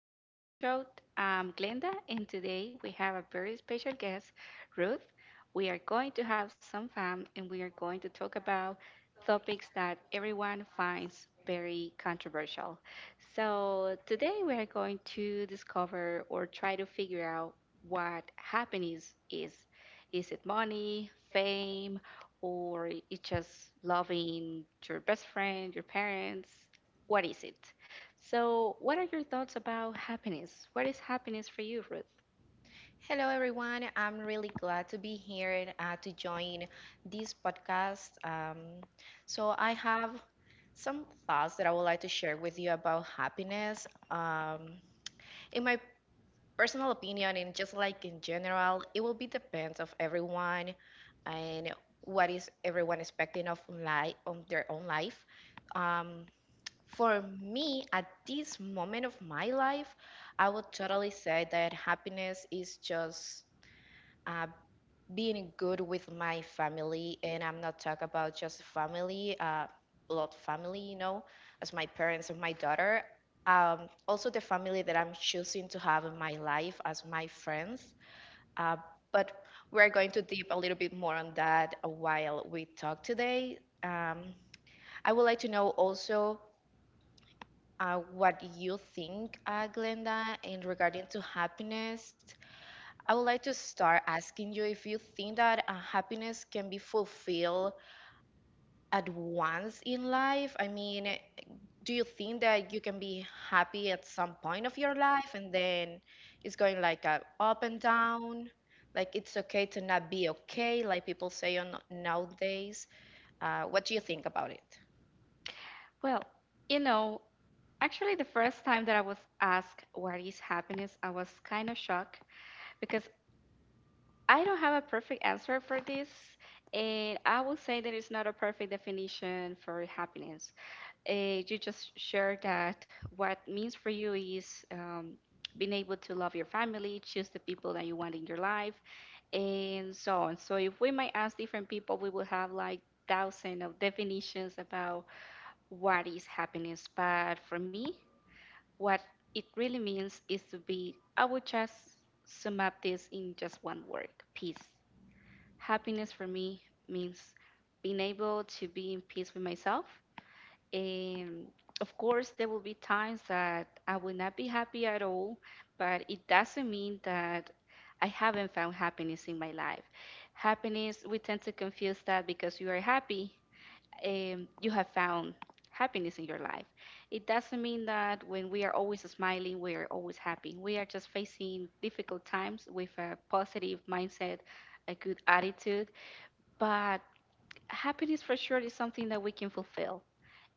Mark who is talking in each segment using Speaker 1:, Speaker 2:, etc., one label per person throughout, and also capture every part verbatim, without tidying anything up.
Speaker 1: a new podcast show. I'm Glenda, and today we have a very special guest, Ruth. We are going to have some fun and we are going to talk about topics that everyone finds very controversial. So, today we are going to discover or try to figure out what happiness is. Is it money, fame, or it's just loving your best friend, your parents? What is it? So, what are your thoughts about happiness? What is happiness for you, Ruth?
Speaker 2: Hello, everyone. I'm really glad to be here uh, to join this podcast. Um, so, I have some thoughts that I would like to share with you about happiness. Um, in my personal opinion, and just like in general, it will be depends of everyone and what is everyone expecting of life, on their own life. Um, for me, at this moment of my life, I would totally say that happiness is just uh, being good with my family, and I'm not talking about just family, uh, blood family, you know, as my parents and my daughter. Um, also, the family that I'm choosing to have in my life as my friends. Uh, but we're going to deep a little bit more on that while we talk today. Um, I would like to know also uh, what you think, uh, Glenda, in regarding to happiness. I would like to start asking you if you think that uh, happiness can be fulfilled at once in life. I mean, do you think that you can be happy at some point of your life and then it's going like a up and down? Like it's okay to not be okay, like people say on nowadays. Uh, what do you think about it?
Speaker 1: Well, you know, actually, the first time that I was asked what is happiness, I was kind of shocked because I don't have a perfect answer for this. And I will say that it's not a perfect definition for happiness. Uh, you just share that what means for you is um, being able to love your family, choose the people that you want in your life, and so on. So if we might ask different people, we will have like thousand of definitions about what is happiness. But for me, what it really means is to be. I would just sum up this in just one word: peace. Happiness for me means being able to be in peace with myself, um, of course, there will be times that I will not be happy at all, but it doesn't mean that I haven't found happiness in my life. Happiness, we tend to confuse that, because you are happy, um, you have found happiness in your life. It doesn't mean that when we are always smiling, we are always happy. We are just facing difficult times with a positive mindset, a good attitude, but happiness for sure is something that we can fulfill,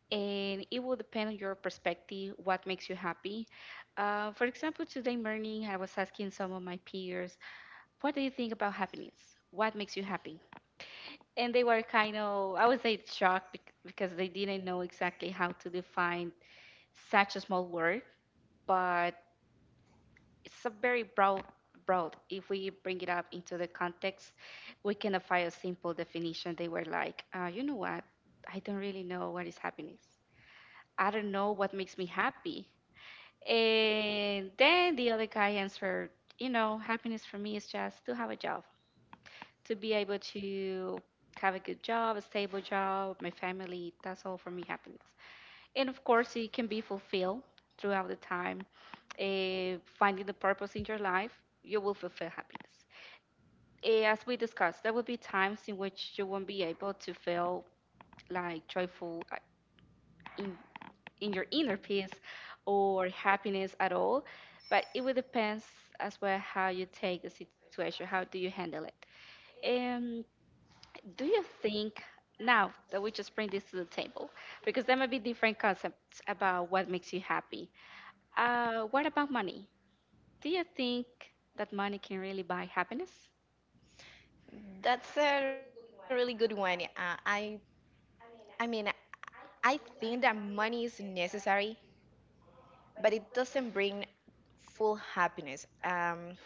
Speaker 1: and it will depend on your perspective what makes you happy. Uh, for example, today morning I was asking some of my peers, what do you think about happiness? What makes you happy? And they were kind of, I would say, shocked bec- because they didn't know exactly how to define such a small word. But it's a very broad broad if we bring it up into the context, we can apply a simple definition. They were like, uh, you know what, I don't really know what is happiness. I don't know what makes me happy. And then the other guy answered, you know, happiness for me is just to have a job, to be able to have a good job, a stable job, my family. That's all for me happiness. And of course, it can be fulfilled throughout the time, eh, finding the purpose in your life. You will fulfill happiness. Eh, As we discussed, there will be times in which you won't be able to feel like joyful, uh, in in your inner peace or happiness at all. But it will depends as well how you take the situation, how do you handle it. um do you think now that we just bring this to the table, because there might be different concepts about what makes you happy. Uh what about money? Do you think that money can really buy happiness?
Speaker 2: That's a really good one. Uh, I I mean, I think that money is necessary but it doesn't bring full happiness. Um,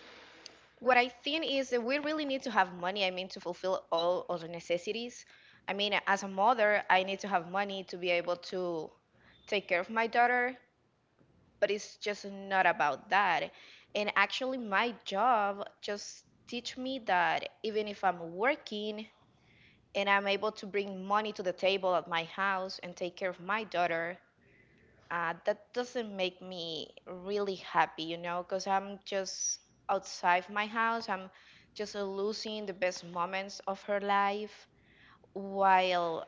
Speaker 2: What I think is that we really need to have money, I mean, to fulfill all other necessities. I mean, as a mother, I need to have money to be able to take care of my daughter, but it's just not about that. And actually, my job just teach me that even if I'm working and I'm able to bring money to the table at my house and take care of my daughter, uh, that doesn't make me really happy, you know, because I'm just outside my house. I'm just losing the best moments of her life while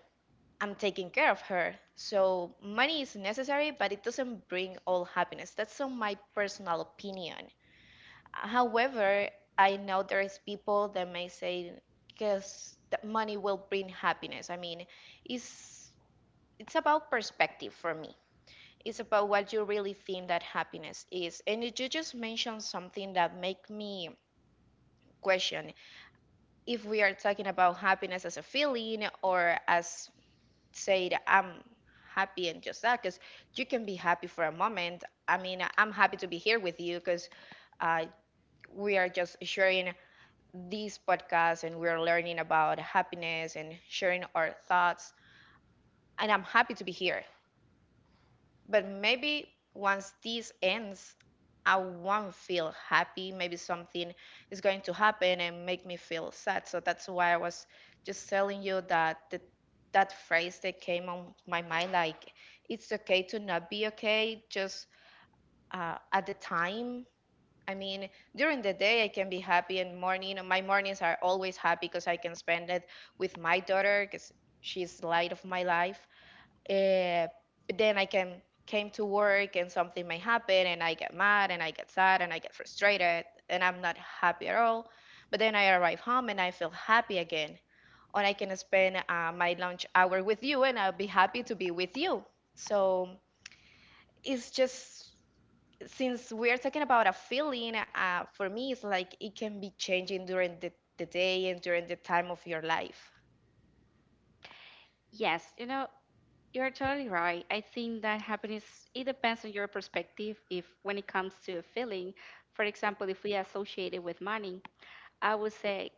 Speaker 2: I'm taking care of her. So money is necessary, but it doesn't bring all happiness. That's on my personal opinion. However, I know there is people that may say, "Guess that money will bring happiness." I mean, it's it's about perspective for me. It's about what you really think that happiness is. And you just mentioned something that make me question if we are talking about happiness as a feeling or as say that I'm happy and just that. Because you can be happy for a moment. I mean, I'm happy to be here with you because uh, we are just sharing these podcasts and we're learning about happiness and sharing our thoughts. And I'm happy to be here. But maybe once this ends, I won't feel happy. Maybe something is going to happen and make me feel sad. So that's why I was just telling you that the, that phrase that came on my mind, like, it's okay to not be okay, just uh, at the time. I mean, during the day, I can be happy, and morning, my mornings are always happy because I can spend it with my daughter because she's the light of my life. Uh, then I can came to work and something may happen and I get mad and I get sad and I get frustrated and I'm not happy at all. But then I arrive home and I feel happy again. And I can spend uh, my lunch hour with you and I'll be happy to be with you. So it's just since we're talking about a feeling, uh, for me, it's like it can be changing during the, the day and during the time of your life.
Speaker 1: Yes, you know you're totally right. I think that happiness, it depends on your perspective. If when it comes to a feeling, for example, if we associate it with money, I would say,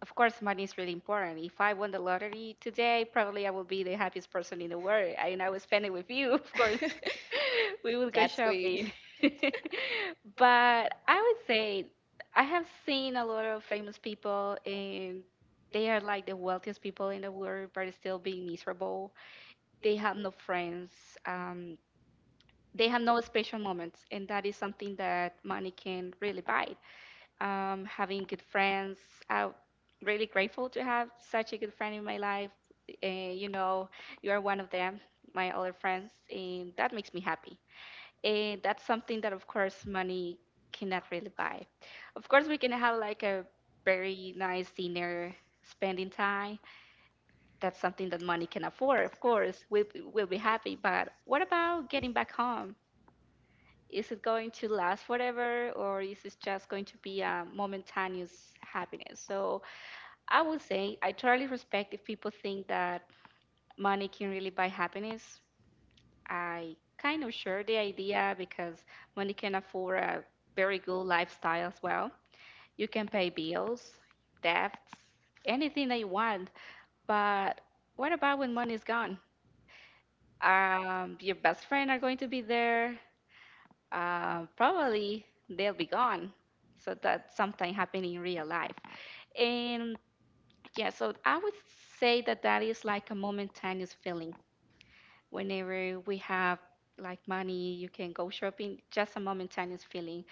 Speaker 1: of course, money is really important. If I won the lottery today, probably I would be the happiest person in the world. I- And I would spend it with you, of course. We would go
Speaker 2: Yes, Queen.
Speaker 1: shopping. But I would say I have seen a lot of famous people, and they are like the wealthiest people in the world, but still being miserable. They have no friends. Um, they have no special moments, and that is something that money can really buy, um, having good friends. I'm really grateful to have such a good friend in my life. Uh, you know, you are one of them, my other friends, and that makes me happy. And that's something that, of course, money cannot really buy. Of course, we can have like a very nice dinner, spending time. That's something that money can afford, of course. We will be happy. But what about getting back home? Is it going to last forever, or is it just going to be a momentaneous happiness? So I would say I totally respect if people think that money can really buy happiness. I kind of share the idea, because money can afford a very good lifestyle as well. You can pay bills, debts, anything that you want. But what about when money is gone? Um, your best friend are going to be there. uh, probably they'll be gone. So that's something happening in real life. And yeah, so I would say that that is like a momentaneous feeling. Whenever we have like money, you can go shopping, just a momentaneous feeling.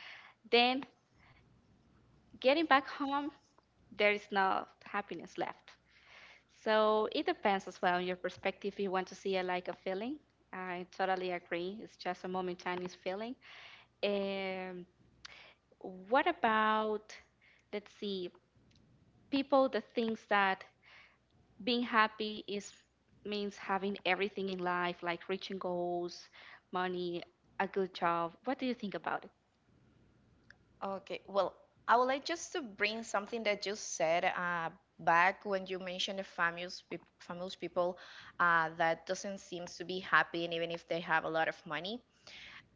Speaker 1: Then getting back home, there is no happiness left. So it depends as well on your perspective. If you want to see it like a feeling, I totally agree. It's just a momentaneous feeling. And what about, let's see, people that thinks that being happy is means having everything in life, like reaching goals, money, a good job? What do you think about it?
Speaker 2: Okay, well, I would like just to bring something that you said uh, back when you mentioned the famous pe- famous people uh, that doesn't seems to be happy, and even if they have a lot of money.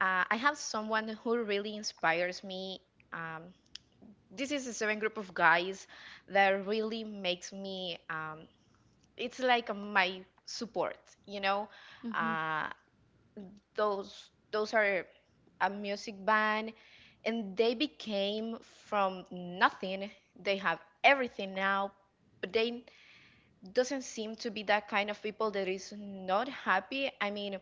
Speaker 2: Uh, I have someone who really inspires me. Um, this is a certain group of guys that really makes me. Um, it's like my support, you know.
Speaker 1: Hmm.
Speaker 2: Uh, those those are a music band and they became from nothing. They have everything now, but they doesn't seem to be that kind of people that is not happy. I mean,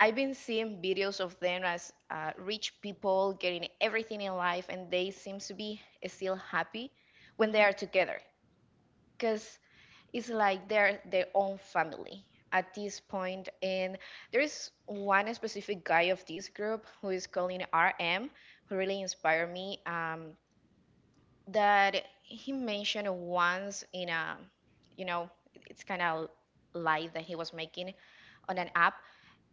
Speaker 2: I've been seeing videos of them as uh, rich people getting everything in life and they seems to be still happy when they are together because it's like they're their own family at this point. And there's one specific guy of this group who is calling R M who really inspired me. Um, that he mentioned once in a, you know, it's kind of live that he was making on an app,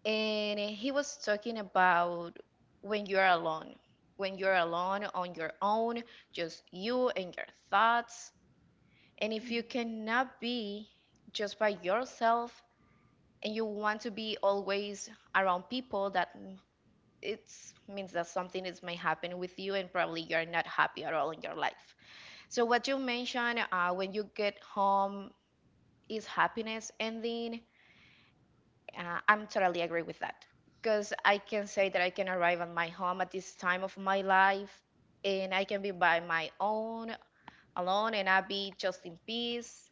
Speaker 2: and he was talking about when you're alone, when you're alone on your own, just you and your thoughts, and if you cannot be just by yourself and you want to be always around people, that it means that something is may happen with you and probably you're not happy at all in your life. So what you mentioned uh, when you get home is happiness ending. Uh, I'm totally agree with that because I can say that I can arrive at my home at this time of my life and I can be by my own alone and I be just in peace,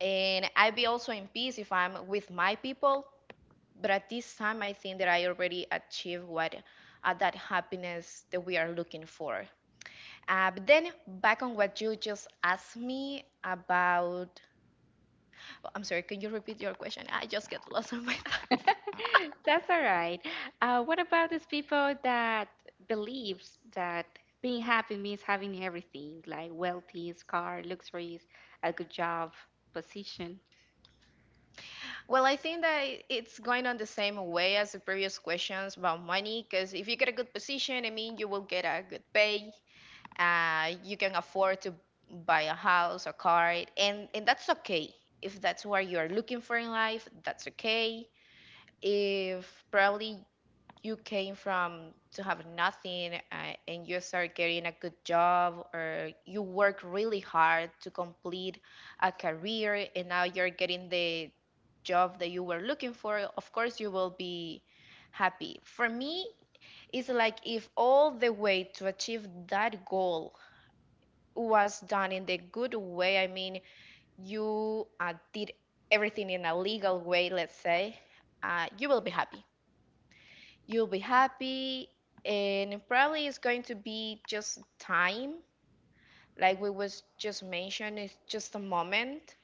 Speaker 2: and I be also in peace if I'm with my people. But at this time, I think that I already achieved what uh, that happiness that we are looking for. Uh, but then back on what you just asked me about. I'm sorry, can you repeat your question? I just get lost on my thought.
Speaker 1: That's all right. Uh, what about these people that believes that being happy means having everything, like wealthy car, luxuries, a good job position?
Speaker 2: Well, I think that it's going on the same way as the previous questions about money, because if you get a good position, I mean, you will get a good pay. Uh, you can afford to buy a house, a car, and and that's okay. If that's what you are looking for in life, that's okay. If probably you came from to have nothing uh, and you start getting a good job, or you work really hard to complete a career and now you're getting the job that you were looking for, of course you will be happy. For me, it's like if all the way to achieve that goal was done in the good way. I mean, you uh, did everything in a legal way, let's say, uh, you will be happy. You'll be happy, and probably it's going to be just time, like we was just mentioned, it's just a moment.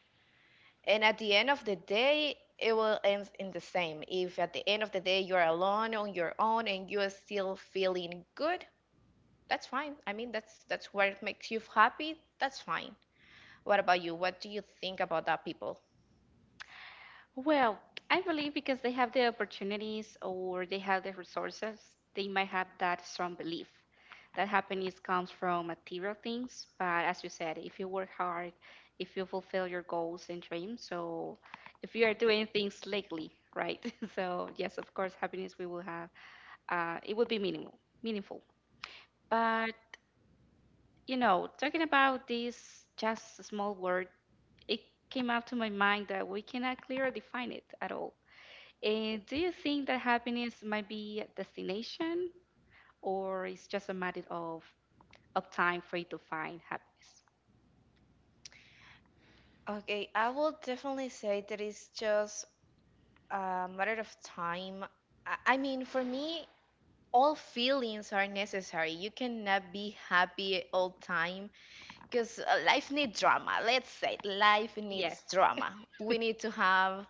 Speaker 2: And at the end of the day, it will end in the same. If at the end of the day you're alone on your own and you're still feeling good, that's fine. I mean, that's that's what makes you happy. That's fine. What about you? What do you think about that people?
Speaker 1: Well, I believe because they have the opportunities or they have the resources, they might have that strong belief that happiness comes from material things. But as you said, if you work hard, if you fulfill your goals and dreams, so if you are doing things lately, right? So yes, of course, happiness we will have. Uh, it will be minimal, meaningful. But you know, talking about this, just a small word, it came out to my mind that we cannot clearly define it at all. And do you think that happiness might be a destination, or it's just a matter of, of time for you to find happiness?
Speaker 2: Okay, I will definitely say that it's just a matter of time. I I mean, for me, all feelings are necessary. You cannot be happy all time because life needs drama. Let's say it, life
Speaker 1: Yes.
Speaker 2: needs drama. We need to have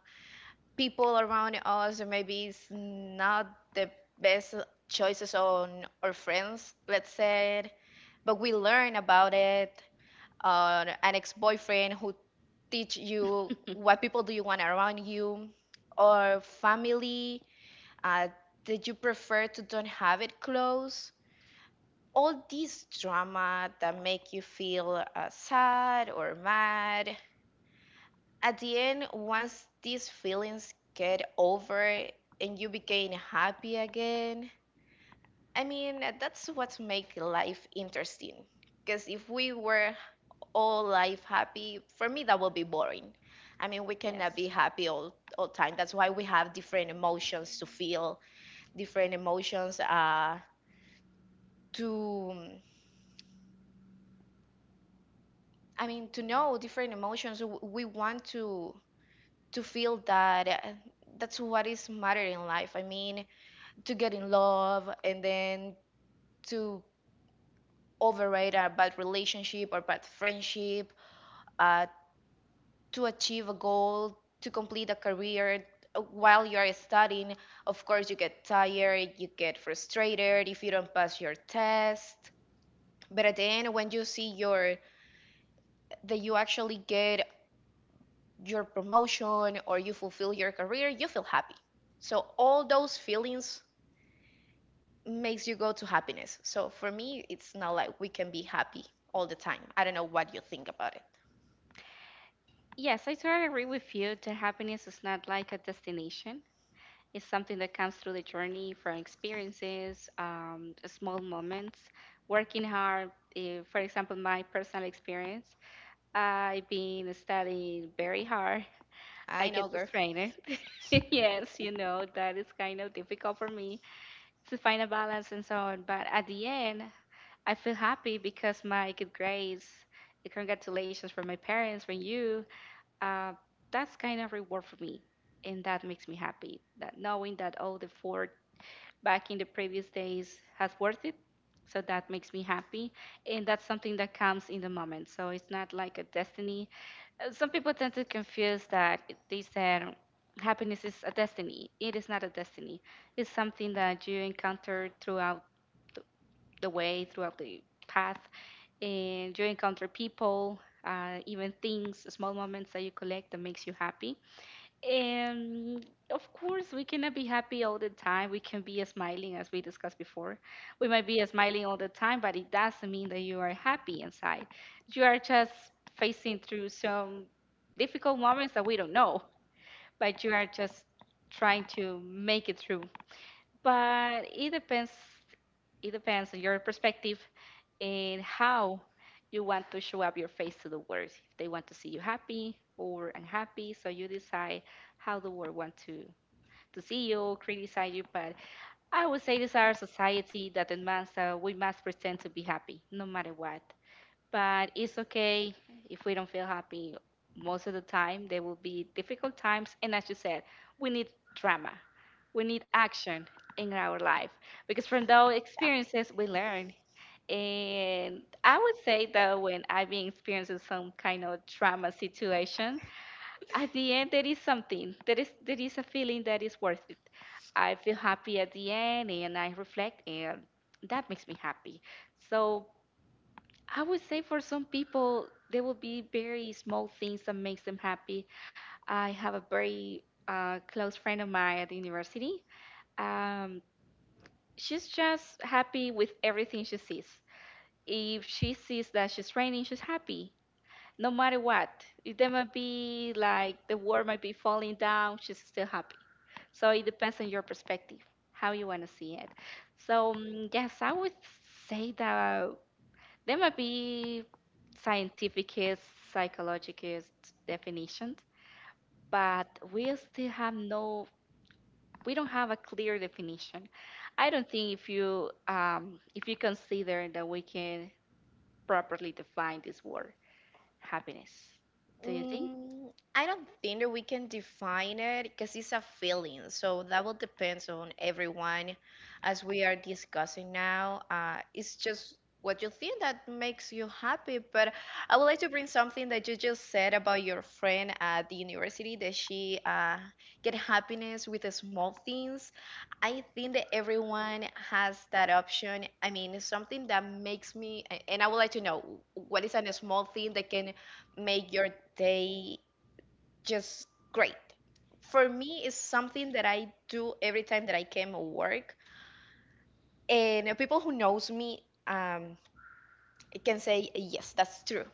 Speaker 2: people around us, or maybe it's not the best choices on our friends, let's say, it, but we learn about it. Uh, an ex-boyfriend who teach you what people do you want around you, or family uh, that you prefer to don't have it close, all these drama that make you feel uh, sad or mad. At the end, once these feelings get over and you became happy again, I mean, that's what makes life interesting, because if we were all life happy, for me that will be boring. I mean, we
Speaker 1: Yes.
Speaker 2: cannot be happy all all time. That's why we have different emotions to feel, different emotions uh to, I mean, to know different emotions. W- We want to to feel that. Uh, that's what is matter in life. I mean, to get in love and then to override a bad relationship or bad friendship, uh, to achieve a goal, to complete a career uh, while you are studying. Of course, you get tired, you get frustrated if you don't pass your test. But at the end, when you see your that you actually get your promotion or you fulfill your career, you feel happy. So all those feelings makes you go to happiness. So for me, it's not like we can be happy all the time. I don't know what you think about it.
Speaker 1: Yes, I totally agree with you that happiness is not like a destination. It's something that comes through the journey, from experiences, um, small moments, working hard. eh, For example, my personal experience, I've been studying very hard, I
Speaker 2: I
Speaker 1: guess
Speaker 2: know,
Speaker 1: a
Speaker 2: girl.
Speaker 1: trainer. Yes, you know, that is kind of difficult for me to find a balance, and so on. But at the end, I feel happy because my good grades, the congratulations from my parents, from you, uh, that's kind of reward for me. And that makes me happy. That knowing that all the effort back in the previous days has worth it. So that makes me happy. And that's something that comes in the moment. So it's not like a destiny. uh, Some people tend to confuse that. They said happiness is a destiny. It is not a destiny. It's something that you encounter throughout the, the way, throughout the path, and you encounter people, uh, even things, small moments that you collect that makes you happy. And of course, we cannot be happy all the time. We can be smiling, as we discussed before. We might be smiling all the time, but it doesn't mean that you are happy inside. You are just facing through some difficult moments that we don't know, but you are just trying to make it through. But it depends it depends on your perspective and how you want to show up your face to the world. If they want to see you happy or unhappy, so you decide how the world want to to see you, criticize you. But I would say this is our society that demands that we must pretend to be happy no matter what. But it's okay if we don't feel happy most of the time. There will be difficult times, and as you said, we need drama, we need action in our life, because from those experiences we learn. And I would say that when I've been experiencing some kind of trauma situation, at the end there is something, there is there is a feeling that is worth it. I feel happy at the end, and I reflect, and that makes me happy. So I would say for some people, there will be very small things that makes them happy. I have a very uh, close friend of mine at the university. Um, she's just happy with everything she sees. If she sees that she's raining, she's happy, no matter what. If there might be like the world might be falling down, she's still happy. So it depends on your perspective, how you want to see it. So, mm, yes, I would say that there might be scientificist, psychologicist definitions, but we still have no, we don't have a clear definition. I don't think if you um, if you consider that we can properly define this word happiness. Do you think?
Speaker 2: Mm, I don't think that we can define it because it's a feeling. So that will depend on everyone as we are discussing now. Uh, it's just what you think that makes you happy. But I would like to bring something that you just said about your friend at the university that she uh, get happiness with the small things. I think that everyone has that option. I mean, it's something that makes me, a- and I would like to know what is a small thing that can make your day just great. For me, it's something that I do every time that I came to work, and uh, people who knows me um, can say yes, that's true.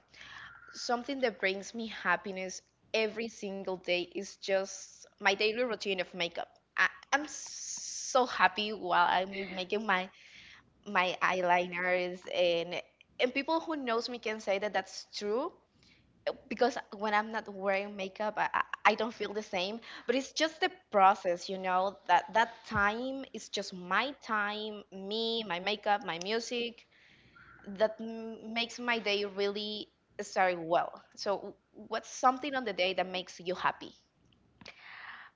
Speaker 2: Something that brings me happiness every single day is just my daily routine of makeup. I, I'm so happy while I'm making my my eyeliners, and and people who knows me can say that that's true because when I'm not wearing makeup, I, I I don't feel the same. But it's just the process, you know, that that time is just my time, me, my makeup, my music, that m- makes my day really start well. So, what's something on the day that makes you happy?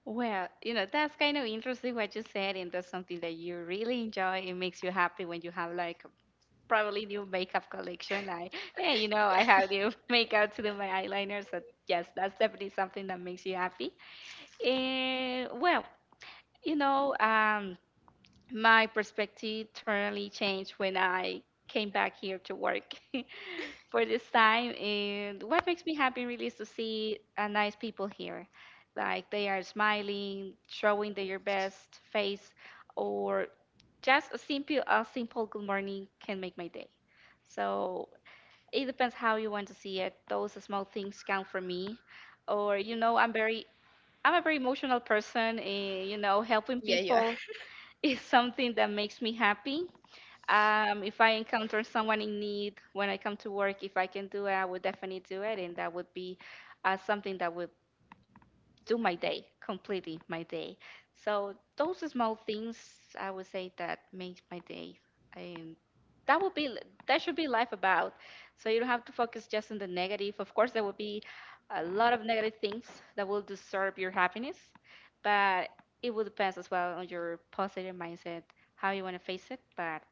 Speaker 1: Well, you know, that's kind of interesting what you said, and that's something that you really enjoy. It makes you happy when you have like probably new makeup collection. Like, hey, you know, I have new makeup to do my eyeliner. So yes, that's definitely something that makes you happy. And well, you know, um, my perspective totally changed when I came back here to work for this time. And what makes me happy really is to see uh, nice people here. Like they are smiling, showing their best face, or just a simple a simple good morning can make my day. So it depends how you want to see it. Those small things count for me. Or, you know, I'm very I'm a very emotional person. Eh, you know, helping
Speaker 2: Yeah, you are.
Speaker 1: people is something that makes me happy. Um, if I encounter someone in need when I come to work, if I can do it, I would definitely do it, and that would be uh, something that would do my day, completely my day. So those are small things I would say that makes my day. And that would be li- that should be life about. So you don't have to focus just on the negative. Of course, there will be a lot of negative things that will disturb your happiness, but it will depend as well on your positive mindset, how you want to face it. But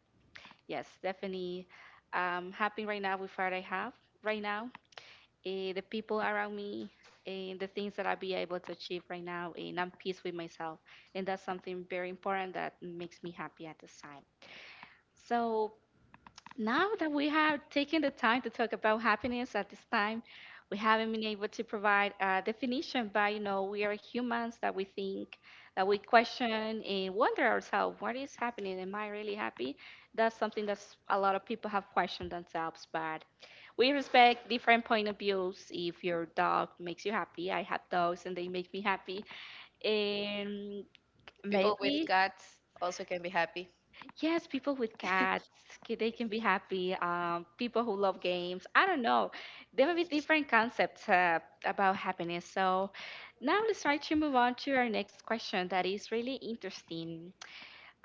Speaker 1: yes, definitely, I'm happy right now with what I have right now eh, the people around me and the things that I'll be able to achieve right now, and I'm peace with myself. And that's something very important that makes me happy at this time. So now that we have taken the time to talk about happiness at this time, we haven't been able to provide a definition, but you know, we are humans that we think, that we question and wonder ourselves, what is happening? Am I really happy? That's something that's a lot of people have questioned themselves, but we respect different point of views. If your dog makes you happy, I have dogs and they make me happy. And
Speaker 2: People with
Speaker 1: maybe
Speaker 2: cats also can be happy.
Speaker 1: yes, people with cats, ca- they can be happy. Um, people who love games, I don't know. There may be different concepts uh, about happiness. So now let's try to move on to our next question that is really interesting.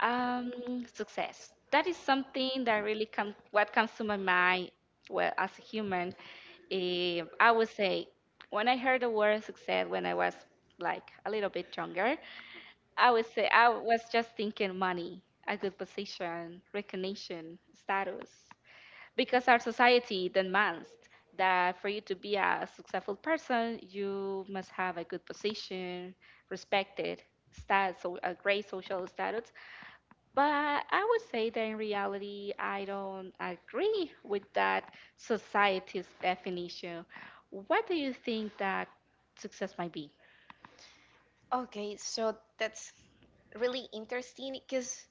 Speaker 1: Um, success. That is something that really comes, what comes to my mind, well, as a human, eh, I would say when I heard the word success when I was like a little bit younger, I would say I was just thinking money, a good position, recognition, status. Because our society demands that for you to be a successful person, you must have a good position, respected status, so a great social status. But I would say that in reality, I don't agree with that society's definition. What do you think that success might be?
Speaker 2: Okay, so that's really interesting because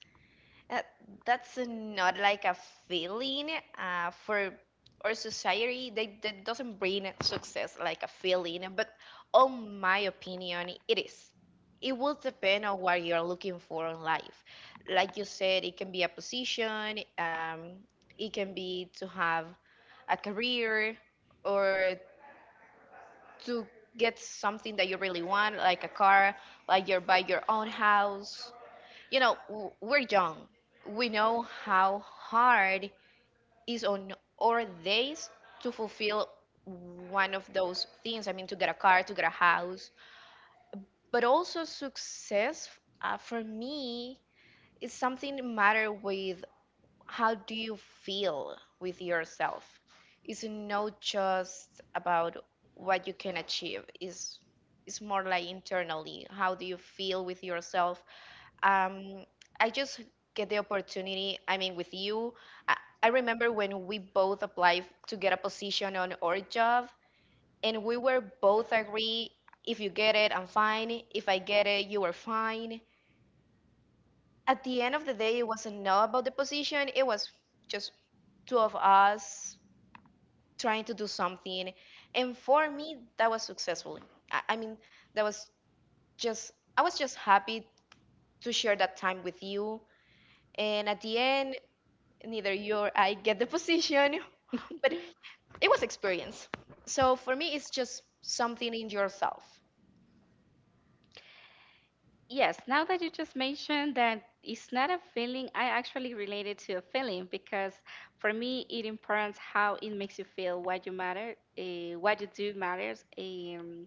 Speaker 2: Uh, that's uh, not like a feeling uh, for our society. They, that doesn't bring success like a feeling, but on my opinion, it is. It will depend on what you're looking for in life. Like you said, it can be a position, um, it can be to have a career or to get something that you really want, like a car, like you buy your own house, you know, w- we're young. We know how hard is on our days to fulfill one of those things. I mean, to get a car, to get a house, but also success uh, for me is something matter with how do you feel with yourself. It's not just about what you can achieve. It's it's more like internally. How do you feel with yourself? um, I just get the opportunity. I mean, with you, I, I remember when we both applied to get a position on our job, and we were both agree if you get it, I'm fine. If I get it, you are fine. At the end of the day, it wasn't know about the position. It was just two of us trying to do something, and for me, that was successful. I, I mean, that was just I was just happy to share that time with you. And at the end, neither you or I get the position, but it was experience. So for me, it's just something in yourself.
Speaker 1: Yes, now that you just mentioned that it's not a feeling, I actually relate it to a feeling because for me, it impacts how it makes you feel, what you matter, uh, what you do matters. Um,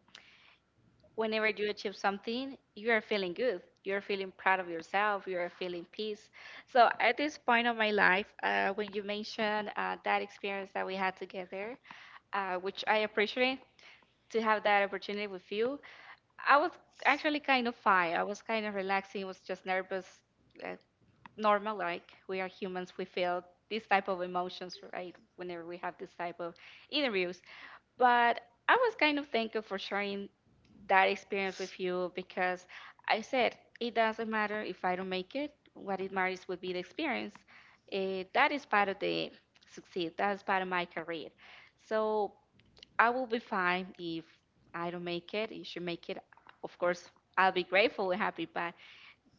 Speaker 1: whenever you achieve something, you are feeling good, you are feeling proud of yourself, you are feeling peace. So at this point of my life, uh, when you mentioned uh, that experience that we had together, uh, which I appreciate to have that opportunity with you, I was actually kind of fine. I was kind of relaxing. Was just nervous, uh, normal. Like we are humans, we feel these type of emotions, right? Whenever we have this type of interviews. But I was kind of thankful for sharing that experience with you because I said it doesn't matter if I don't make it. What it matters would be the experience. Eh, that is part of the succeed. That is part of my career. So I will be fine if I don't make it. If you make it, of course, I'll be grateful and happy. But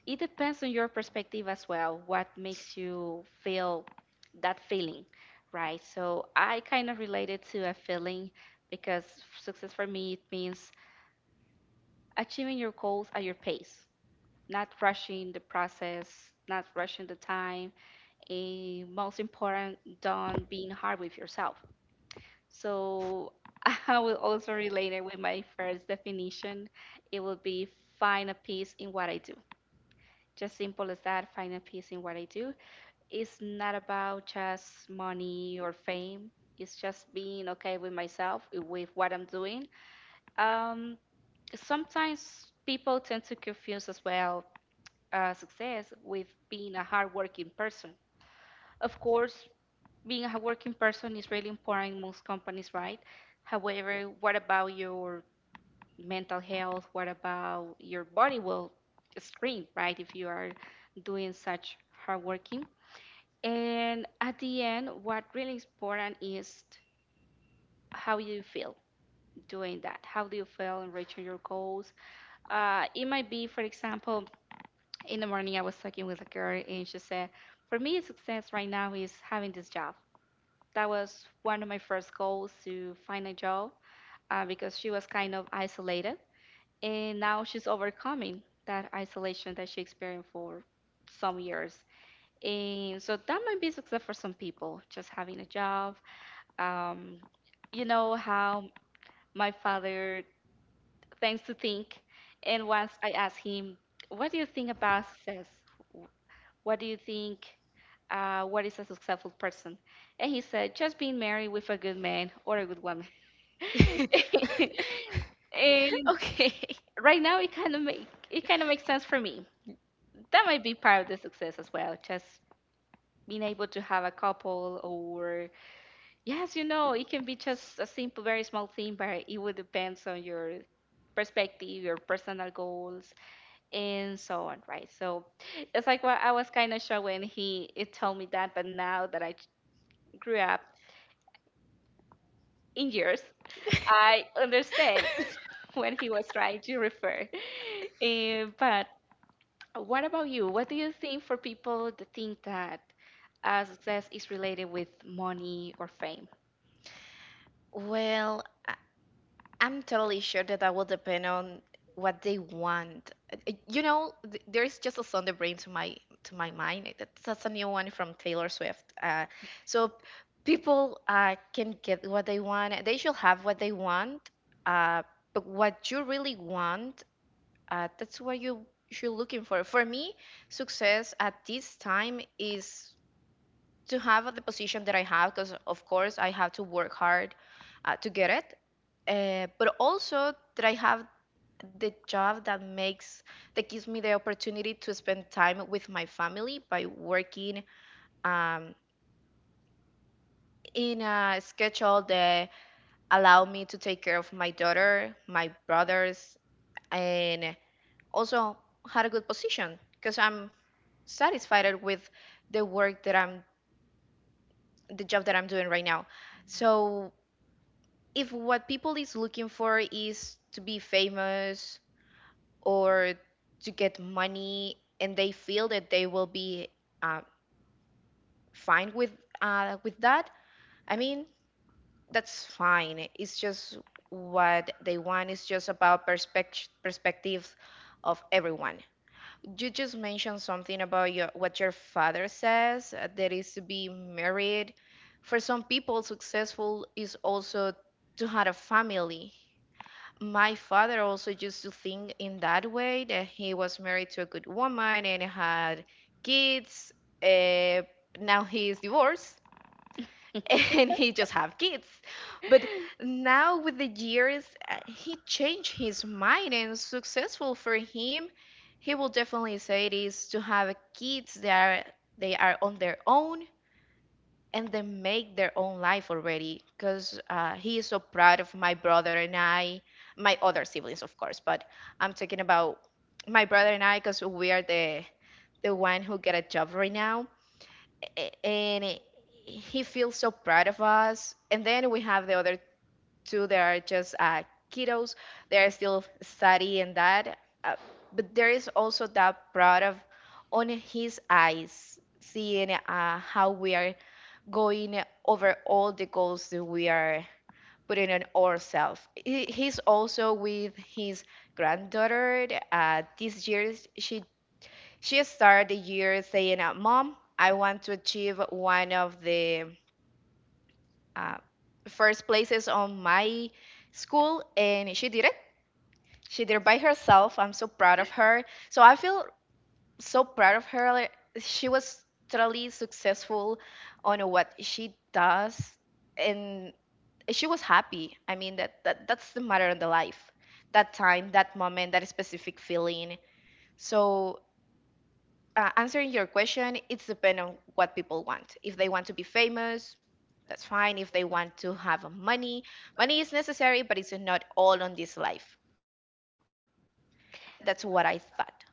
Speaker 1: it depends on your perspective as well. What makes you feel that feeling, right? So I kind of related to a feeling because success for me it means achieving your goals at your pace, not rushing the process, not rushing the time, and most important, don't being hard with yourself. So I will also relate it with my first definition. It will be find a peace in what I do. Just simple as that, find a peace in what I do. It's not about just money or fame. It's just being okay with myself, with what I'm doing. Um, sometimes people tend to confuse as well uh, success with being a hardworking person. Of course, being a hardworking person is really important in most companies, right? However, what about your mental health? What about your body will scream, right? If you are doing such hard working. And at the end, what really important is how you feel doing that. How do you feel in reaching your goals? Uh, it might be, for example, in the morning I was talking with a girl and she said, for me, success right now is having this job. That was one of my first goals to find a job uh, because she was kind of isolated and now she's overcoming that isolation that she experienced for some years. And so that might be success for some people, just having a job. Um, you know how my father tends to think. And once I asked him, what do you think about success? What do you think? Uh, what is a successful person? And he said, just being married with a good man or a good woman. And
Speaker 2: Okay.
Speaker 1: right now, it kind of make it kind of makes sense for me that might be part of the success as well. Just being able to have a couple, or yes, you know, it can be just a simple, very small thing, but it would depends on your perspective, your personal goals, and so on, right? So it's like what I was kind of sure when he it told me that, but now that I grew up in years, I understand what he was trying to refer. Eh, But what about you? What do you think for people that think that uh, success is related with money or fame?
Speaker 2: Well, I- I'm totally sure that that will depend on what they want. Uh, uh, You know, th- there's just a song that brings to my to my mind. That's, that's a new one from Taylor Swift. Uh, so people uh, can get what they want. They should have what they want. Uh, but what you really want, uh, that's what you should looking for. For me success at this time is to have the position that I have because of course I have to work hard uh, to get it, uh, but also that I have the job that makes that gives me the opportunity to spend time with my family by working um, in a schedule that allow me to take care of my daughter, my brothers, and also had a good position because I'm satisfied with the work that I'm the job that I'm doing right now. So if what people is looking for is to be famous or to get money and they feel that they will be uh, fine with uh, with that, I mean that's fine. It's just what they want. It's just about perspective, perspectives of everyone. You just mentioned something about your what your father says, uh, that is to be married. For some people, successful is also to have a family. My father also used to think in that way that he was married to a good woman and had kids. Uh, Now he is divorced and he just have kids, but now with the years, uh, he changed his mind and successful for him, he will definitely say it is to have kids that are they are on their own and they make their own life already because uh, he is so proud of my brother and I, my other siblings of course, but I'm talking about my brother and I because we are the the one who get a job right now, a- and it- he feels so proud of us. And then we have the other two that are just uh, kiddos. They are still studying that. Uh, but there is also that proud of on his eyes, seeing uh, how we are going over all the goals that we are putting on ourselves. He- He's also with his granddaughter. Uh, this year, she she started the year saying, uh, Mom, I want to achieve one of the uh, first places on my school. And she did it. She did it by herself. I'm so proud of her. So I feel so proud of her. Like, she was totally successful on what she does. And she was happy. I mean, that, that that's the matter in the life. That time, that moment, that specific feeling. So uh, answering your question, it's dependent on what people want. If they want to be famous, that's fine. If they want to have money, money is necessary, but it's not all on this life. That's what I thought.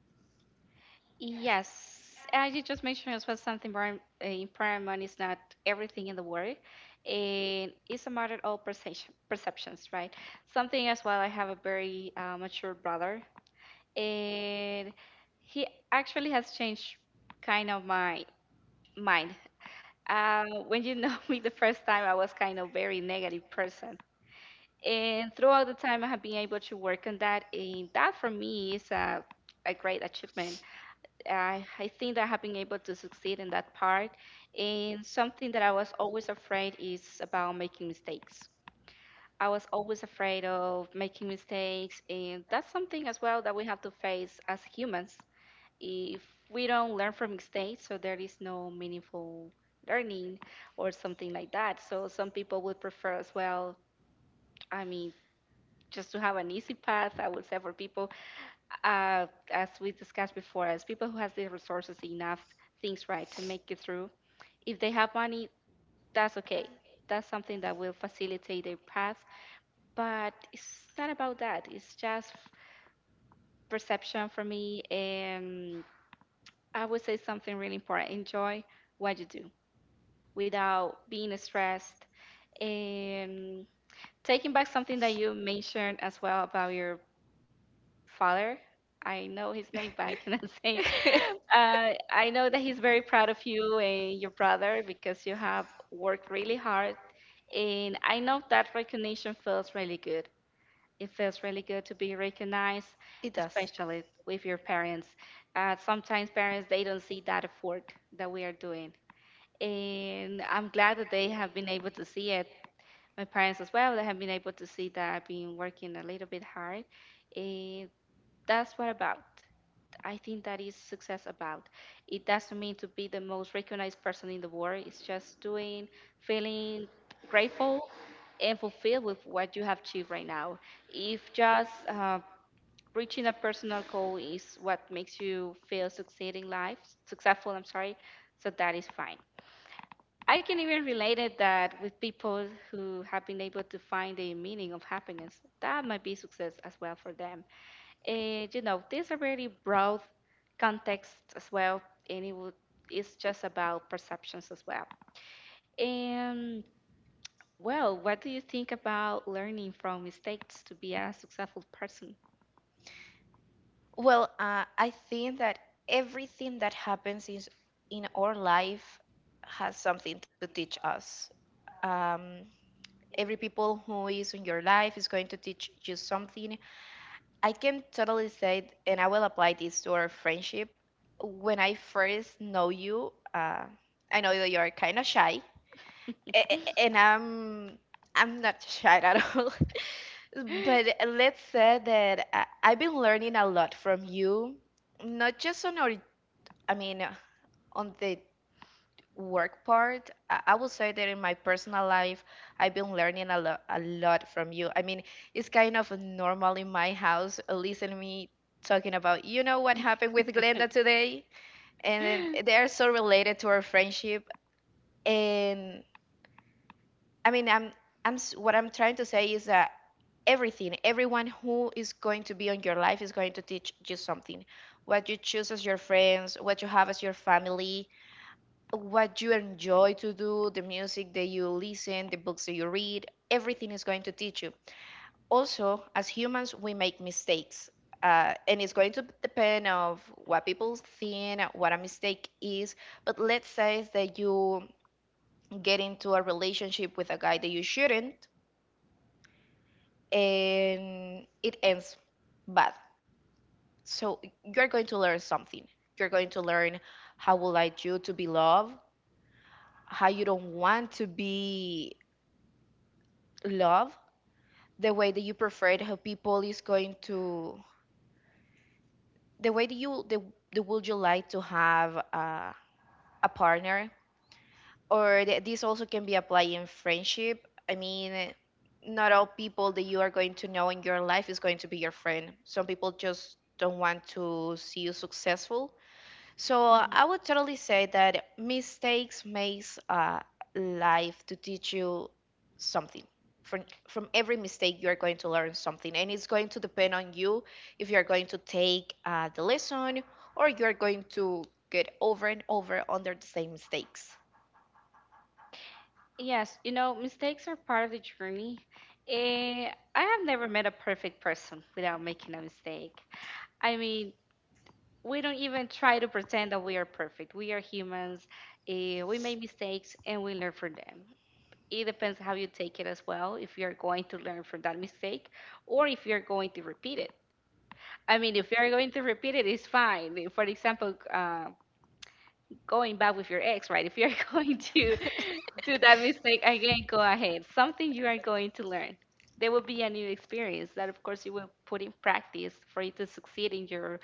Speaker 1: Yes, uh, you just mentioned as well something very uh, important. Money is not everything in the world, and it's a matter of all perception, perceptions, right? Something as well. I have a very uh, mature brother, and he actually has changed kind of my mind. Uh, when you know me the first time, I was kind of very negative person. And throughout the time, I have been able to work on that. And that for me is a, a great achievement. I, I think that I have been able to succeed in that part. And something that I was always afraid is about making mistakes. I was always afraid of making mistakes. And that's something as well that we have to face as humans if we don't learn from mistakes, so there is no meaningful learning or something like that. So some people would prefer as well, I mean, just to have an easy path, I would say for people, uh, as we discussed before, as people who has the resources enough things right to make it through. If they have money, that's okay. That's something that will facilitate their path. But it's not about that. It's just perception for me, and I would say something really important. Enjoy what you do without being stressed and taking back something that you mentioned as well about your father. I know his name but I cannot say it. uh, i know that he's very proud of you and your brother because you have worked really hard and I know that recognition feels really good. It feels really good to be recognized
Speaker 2: It does.
Speaker 1: especially with your parents. Uh, sometimes parents they don't see that effort that we are doing and I'm glad that they have been able to see it. My parents as well, they have been able to see that I've been working a little bit hard. And that's what about. I think that is success about. It doesn't mean to be the most recognized person in the world. It's just doing, feeling grateful and fulfilled with what you have achieved right now. If just uh, reaching a personal goal is what makes you feel succeeding life, successful, I'm sorry, so that is fine. I can even relate it that with people who have been able to find the meaning of happiness, that might be success as well for them. And you know, these are very broad contexts as well, and it would, it's just about perceptions as well. And well, what do you think about learning from mistakes to be a successful person?
Speaker 2: Well, uh, I think that everything that happens is in our life has something to teach us. um, every people who is in your life is going to teach you something. I can totally say, and I will apply this to our friendship. When I first know you, uh, I know that you're kind of shy, a- a- and i'm I'm not shy at all. But let's say that I, I've been learning a lot from you, not just on our I mean uh, on the work part. I, I will say that in my personal life, I've been learning a lot, a lot from you. I mean, it's kind of normal in my house, uh, listen to me talking about, you know what happened with Glenda today? And then they are so related to our friendship. And I mean, I'm, I'm, s- what I'm trying to say is that everything, everyone who is going to be on your life is going to teach you something. What you choose as your friends, what you have as your family, what you enjoy to do, the music that you listen, the books that you read, everything is going to teach you. Also, as humans, we make mistakes. Uh, and it's going to depend of what people think, what a mistake is. But let's say that you get into a relationship with a guy that you shouldn't, and it ends bad. So you're going to learn something. You're going to learn how would like you to be loved, how you don't want to be love, the way that you prefer it, how people is going to the way that you the, the would you like to have uh, a partner or th- this also can be applied in friendship. I mean, not all people that you are going to know in your life is going to be your friend. Some people just don't want to see you successful. So I would totally say that mistakes makes uh, life to teach you something. From from every mistake, you are going to learn something, and it's going to depend on you if you are going to take uh, the lesson or you are going to get over and over under the same mistakes.
Speaker 1: Yes, you know, mistakes are part of the journey. Eh, I have never met a perfect person without making a mistake. I mean, we don't even try to pretend that we are perfect. We are humans. Eh, we make mistakes and we learn from them. It depends how you take it as well, if you're going to learn from that mistake or if you're going to repeat it. I mean, if you're going to repeat it, it's fine. For example, uh, going back with your ex, right? If you're going to do that mistake again, go ahead. Something you are going to learn. There will be a new experience that, of course, you will put in practice for you to succeed in your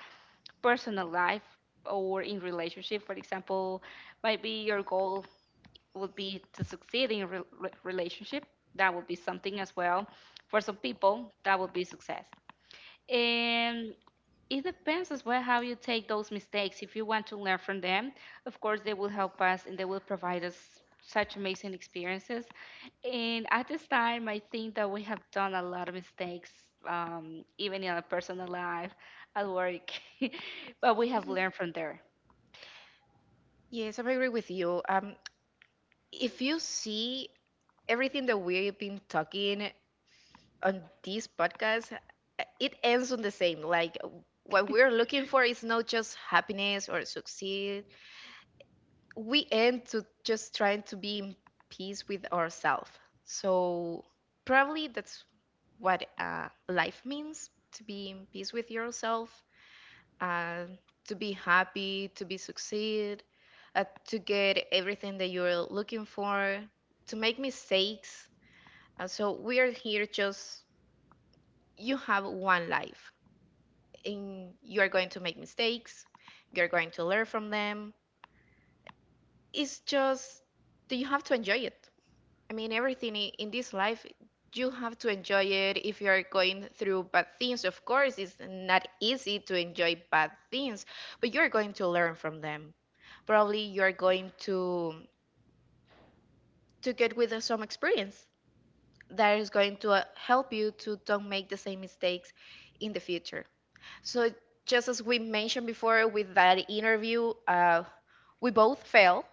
Speaker 1: personal life or in relationship. For example, maybe your goal would be to succeed in a re- re- relationship. That would be something as well. For some people, that would be success. And it depends as well how you take those mistakes. If you want to learn from them, of course, they will help us and they will provide us such amazing experiences. And at this time, I think that we have done a lot of mistakes, um, even in our personal life, at work, but we have learned from there.
Speaker 2: Yes, I agree with you. Um, if you see everything that we've been talking, on these podcasts, uh, it ends on the same. Like w- what we're looking for is not just happiness or succeed. We end to just trying to be in peace with ourselves. So probably that's what uh, life means: to be in peace with yourself, uh, to be happy, to be succeed, uh, to get everything that you're looking for, to make mistakes. Uh, so we are here just you have one life and you are going to make mistakes. You're going to learn from them. It's just that you have to enjoy it. I mean, everything i- in this life, you have to enjoy it. If you are going through bad things, of course, it's not easy to enjoy bad things, but you're going to learn from them. Probably you're going to to get with some experience that is going to uh, help you to don't make the same mistakes in the future. So just as we mentioned before with that interview, uh, we both fail.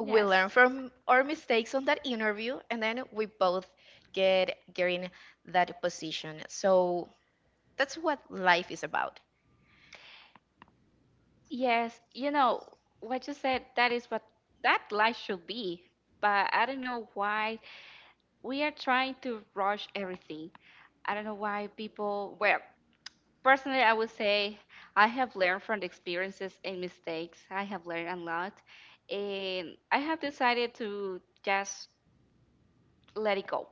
Speaker 2: We
Speaker 1: Yes.
Speaker 2: learn from our mistakes on that interview, and then we both get getting that position. So that's what life is about.
Speaker 1: Yes. You know, what you said, that is what that life should be. But I don't know why we are trying to rush everything. I don't know why people, well, personally, I would say I have learned from the experiences and mistakes. I have learned a lot. And I have decided to just let it go.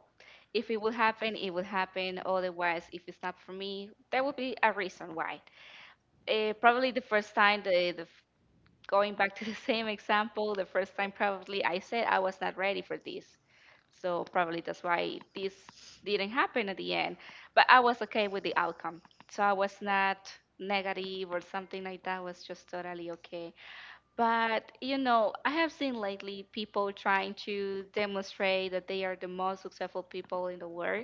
Speaker 1: If it will happen, it will happen. Otherwise, if it's not for me, there will be a reason why. Uh, probably the first time, the, the f- going back to the same example, the first time probably I said I was not ready for this. So probably that's why this didn't happen at the end. But I was okay with the outcome. So I was not negative or something like that. I was just totally okay. But you know, I have seen lately people trying to demonstrate that they are the most successful people in the world,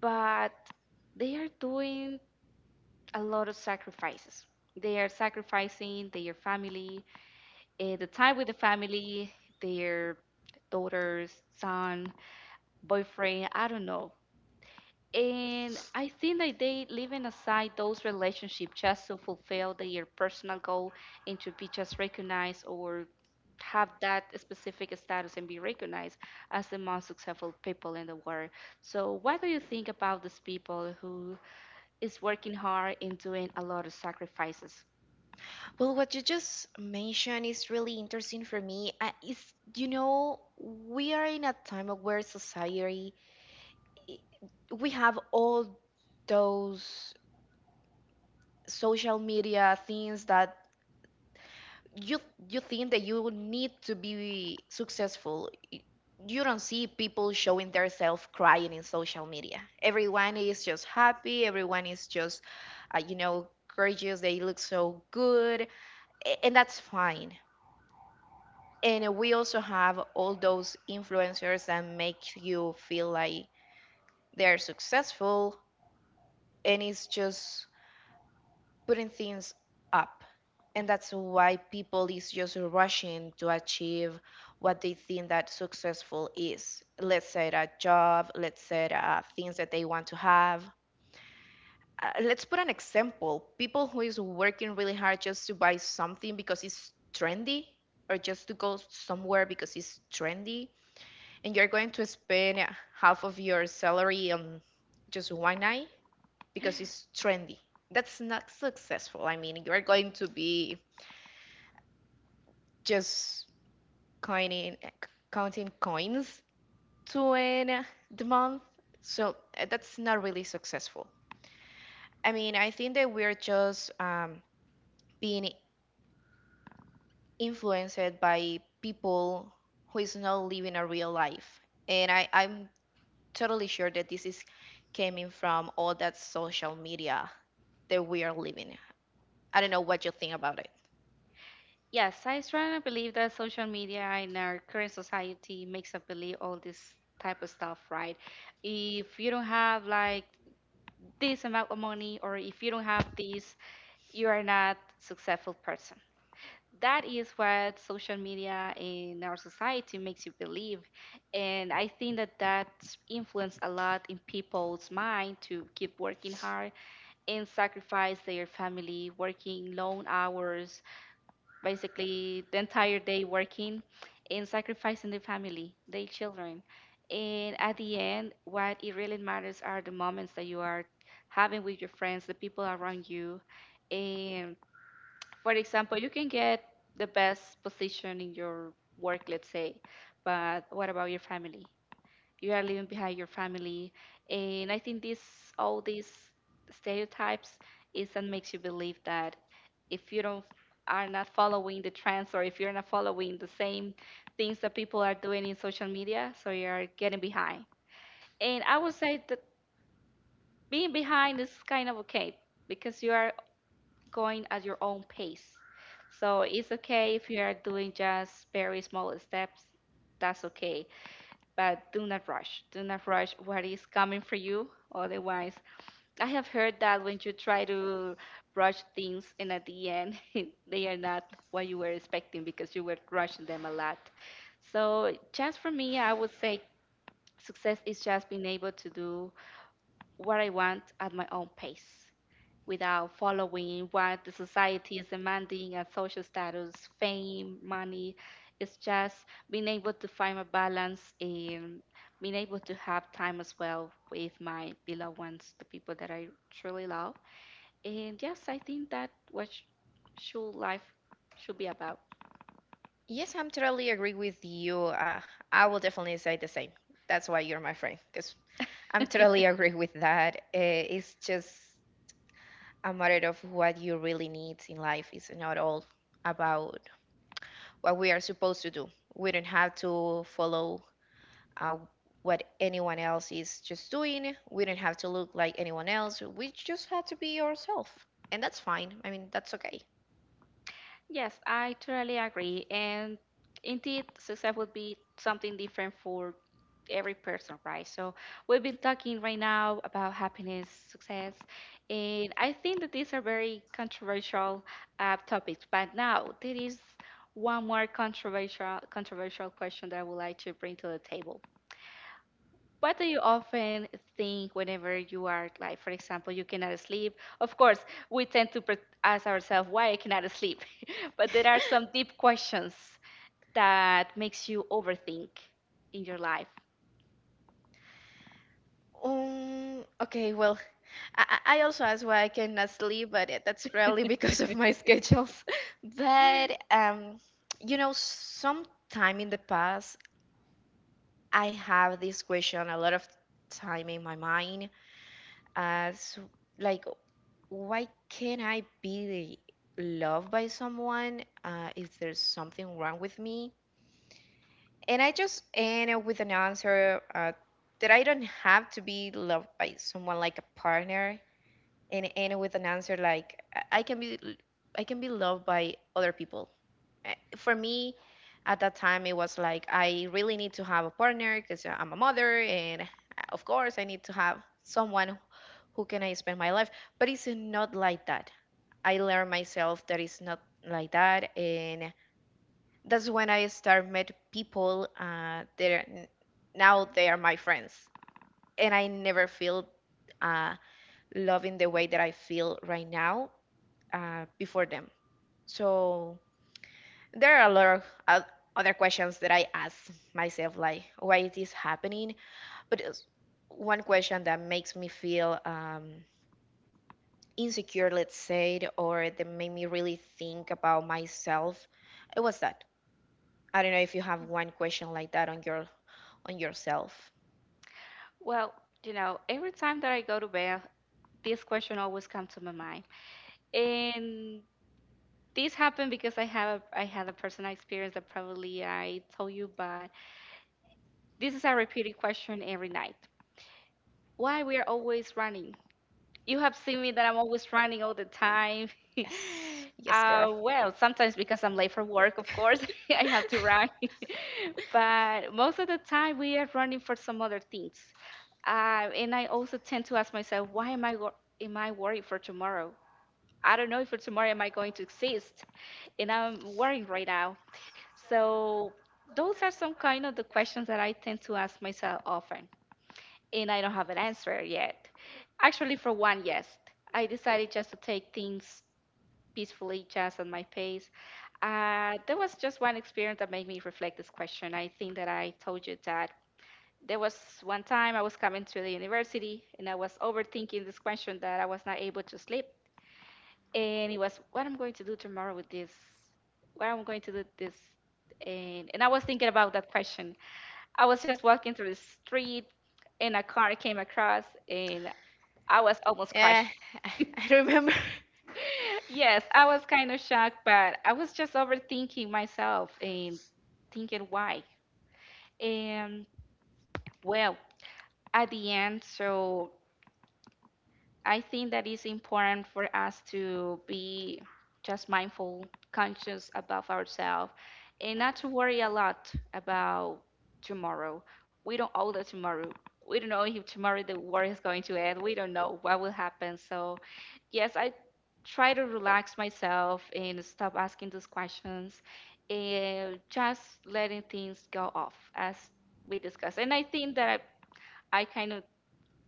Speaker 1: but they are doing a lot of sacrifices. They are sacrificing their family, eh, the time with the family, their daughters, son, boyfriend, I don't know. And I think that they leaving aside those relationships just to fulfill their personal goal and to be just recognized or have that specific status and be recognized as the most successful people in the world. So what do you think about these people who is working hard and doing a lot of sacrifices?
Speaker 2: Well, what you just mentioned is really interesting for me. Uh, is you know we are in a time of where society, we have all those social media things that you you think that you need to be successful. You don't see people showing themselves crying in social media. Everyone is just happy, everyone is just uh, you know gorgeous they look so good, a- and that's fine. And we also have all those influencers that make you feel like they're successful, and it's just putting things up, and that's why people is just rushing to achieve what they think that successful is. Let's say a job, let's say uh, things that they want to have. Uh, let's put an example: people who is working really hard just to buy something because it's trendy, or just to go somewhere because it's trendy, and you're going to spend half of your salary on just one night because it's trendy. That's not successful. I mean, you're going to be just coining, counting coins to win the month. So uh, that's not really successful. I mean, I think that we're just um, being influenced by people who is not living a real life. And I, I'm totally sure that this is coming from all that social media that we are living. I don't know what you think about it.
Speaker 1: Yes, I strongly believe that social media in our current society makes us believe all this type of stuff, right? If you don't have like this amount of money or if you don't have this, you are not successful person. That is what social media in our society makes you believe, and I think that that influence a lot in people's mind to keep working hard and sacrifice their family, working long hours, basically the entire day working and sacrificing the family, the children. And at the end, what it really matters are the moments that you are having with your friends, the people around you. And for example, you can get the best position in your work, let's say, but what about your family? You are leaving behind your family, and I think this, all these stereotypes is that makes you believe that if you don't are not following the trends or if you're not following the same things that people are doing in social media, so you're getting behind. And I would say that being behind is kind of okay because you are going at your own pace. So it's okay if you are doing just very small steps, that's okay, but do not rush. Do not rush what is coming for you. Otherwise, I have heard that when you try to rush things, and at the end, they are not what you were expecting because you were rushing them a lot. So, just for me, I would say success is just being able to do what I want at my own pace without following what the society is demanding as social status, fame, money. It's just being able to find a balance and being able to have time as well with my beloved ones, the people that I truly love. And yes, I think that what sh- should life should be about.
Speaker 2: Yes, I'm totally agree with you. Uh, I will definitely say the same. That's why you're my friend, because I'm totally agree with that. Uh, It's just a matter of what you really need in life. It's not all about what we are supposed to do. We don't have to follow uh, what anyone else is just doing. We don't have to look like anyone else. We just have to be ourselves, and that's fine. I mean, that's okay.
Speaker 1: Yes, I totally agree. And indeed, success would be something different for every person, right? So we've been talking right now about happiness, success, and I think that these are very controversial uh, topics. But now there is one more controversial controversial question that I would like to bring to the table. What do you often think whenever you are like, for example, you cannot sleep? Of course, we tend to pre- ask ourselves why I cannot sleep, but there are some deep questions that makes you overthink in your life.
Speaker 2: Um, okay, well, I, I I also ask why I cannot sleep, but it, that's probably because of my schedules. But um, you know, sometime in the past, I have this question a lot of time in my mind as like, why can't I be loved by someone? Uh, is there something wrong with me? And I just end up with an answer uh, that I don't have to be loved by someone like a partner, and end with an answer like I I can be, I can be loved by other people. Eh, For me, at that time, it was like I really need to have a partner because I'm a mother, and uh, of course, I need to have someone who can I spend my life. But it's not like that. I learned myself that it's not like that, and that's when I start met people uh, that are, now they are my friends, and I never feel. Uh, Loving the way that I feel right now uh, before them. So there are a lot of oth- other questions that I ask myself, like why is this happening? But it's one question that makes me feel um, insecure, let's say, or that made me really think about myself. It was that. I don't know if you have one question like that on your on yourself.
Speaker 1: Well, you know, every time that I go to bed, this question always comes to my mind, and this happened because I have a, I had a personal experience that probably I told you, but this is a repeating question every night. Why we are always running? You have seen me that I'm always running all the time.
Speaker 2: Yes, yes, girl.
Speaker 1: Uh, well, sometimes because I'm late for work, of course, I have to run. But most of the time, we are running for some other things. Uh, and I also tend to ask myself, why am I wor- am I worried for tomorrow? I don't know if for tomorrow am I going to exist, and I'm worried right now. So those are some kind of the questions that I tend to ask myself often, and I don't have an answer yet. Actually, for one, yes, I decided just to take things peacefully, just at my pace. Uh, there was just one experience that made me reflect this question. I think that I told you that there was one time I was coming to the university and I was overthinking this question that I was not able to sleep, and it was what I'm going to do tomorrow with this, what I'm going to do with this. And, and I was thinking about that question. I was just walking through the street and a car came across and I was almost
Speaker 2: Yeah,
Speaker 1: crushed.
Speaker 2: I I remember.
Speaker 1: Yes, I was kind of shocked, but I was just overthinking myself and thinking why. And well, at the end, so I think that it's important for us to be just mindful, conscious about ourselves, and not to worry a lot about tomorrow. We don't owe the tomorrow. We don't know if tomorrow the war is going to end. We don't know what will happen. So, yes, I try to relax myself and stop asking those questions and just letting things go off as we discussed. And I think that I, I kind of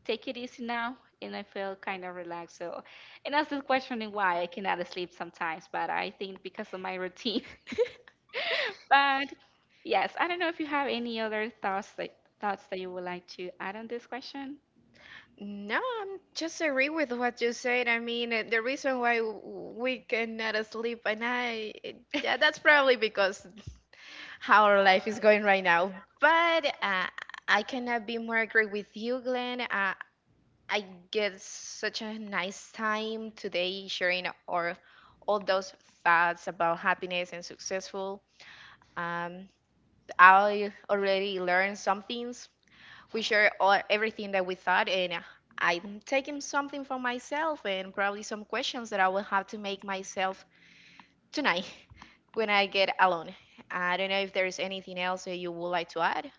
Speaker 1: take it easy now and I feel kind of relaxed. So, and I was still questioning why I cannot sleep sometimes, but I think because of my routine. But yes, I don't know if you have any other thoughts that thoughts that you would like to add on this question.
Speaker 2: No, I'm just agree with what you said. I mean, uh, the reason why w- we cannot sleep at night, it- yeah, that's probably because how our life is going right now. But uh, I cannot be more agree with you, Glenn. Uh, I get such a nice time today sharing our all those thoughts about happiness and successful. Um, I already learned some things we share all, everything that we thought, and uh, I'm taking something for myself, and probably some questions that I will have to make myself tonight when I get alone. I don't know if there's anything else that you would like to add.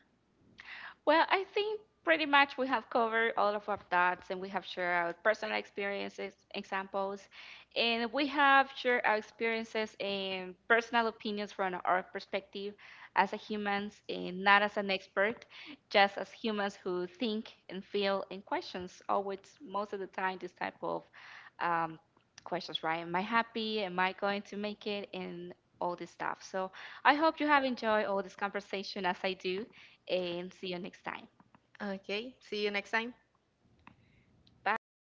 Speaker 1: Well, I think pretty much we have covered all of our thoughts and we have shared our personal experiences, examples, and we have shared our experiences and personal opinions from our perspective as a humans and not as an expert, just as humans who think and feel and questions always most of the time this type of um, questions, right? Am I happy? Am I going to make it? And all this stuff. So I hope you have enjoyed all this conversation as I do and see you next time.
Speaker 2: Okay, see you next time.
Speaker 1: Bye.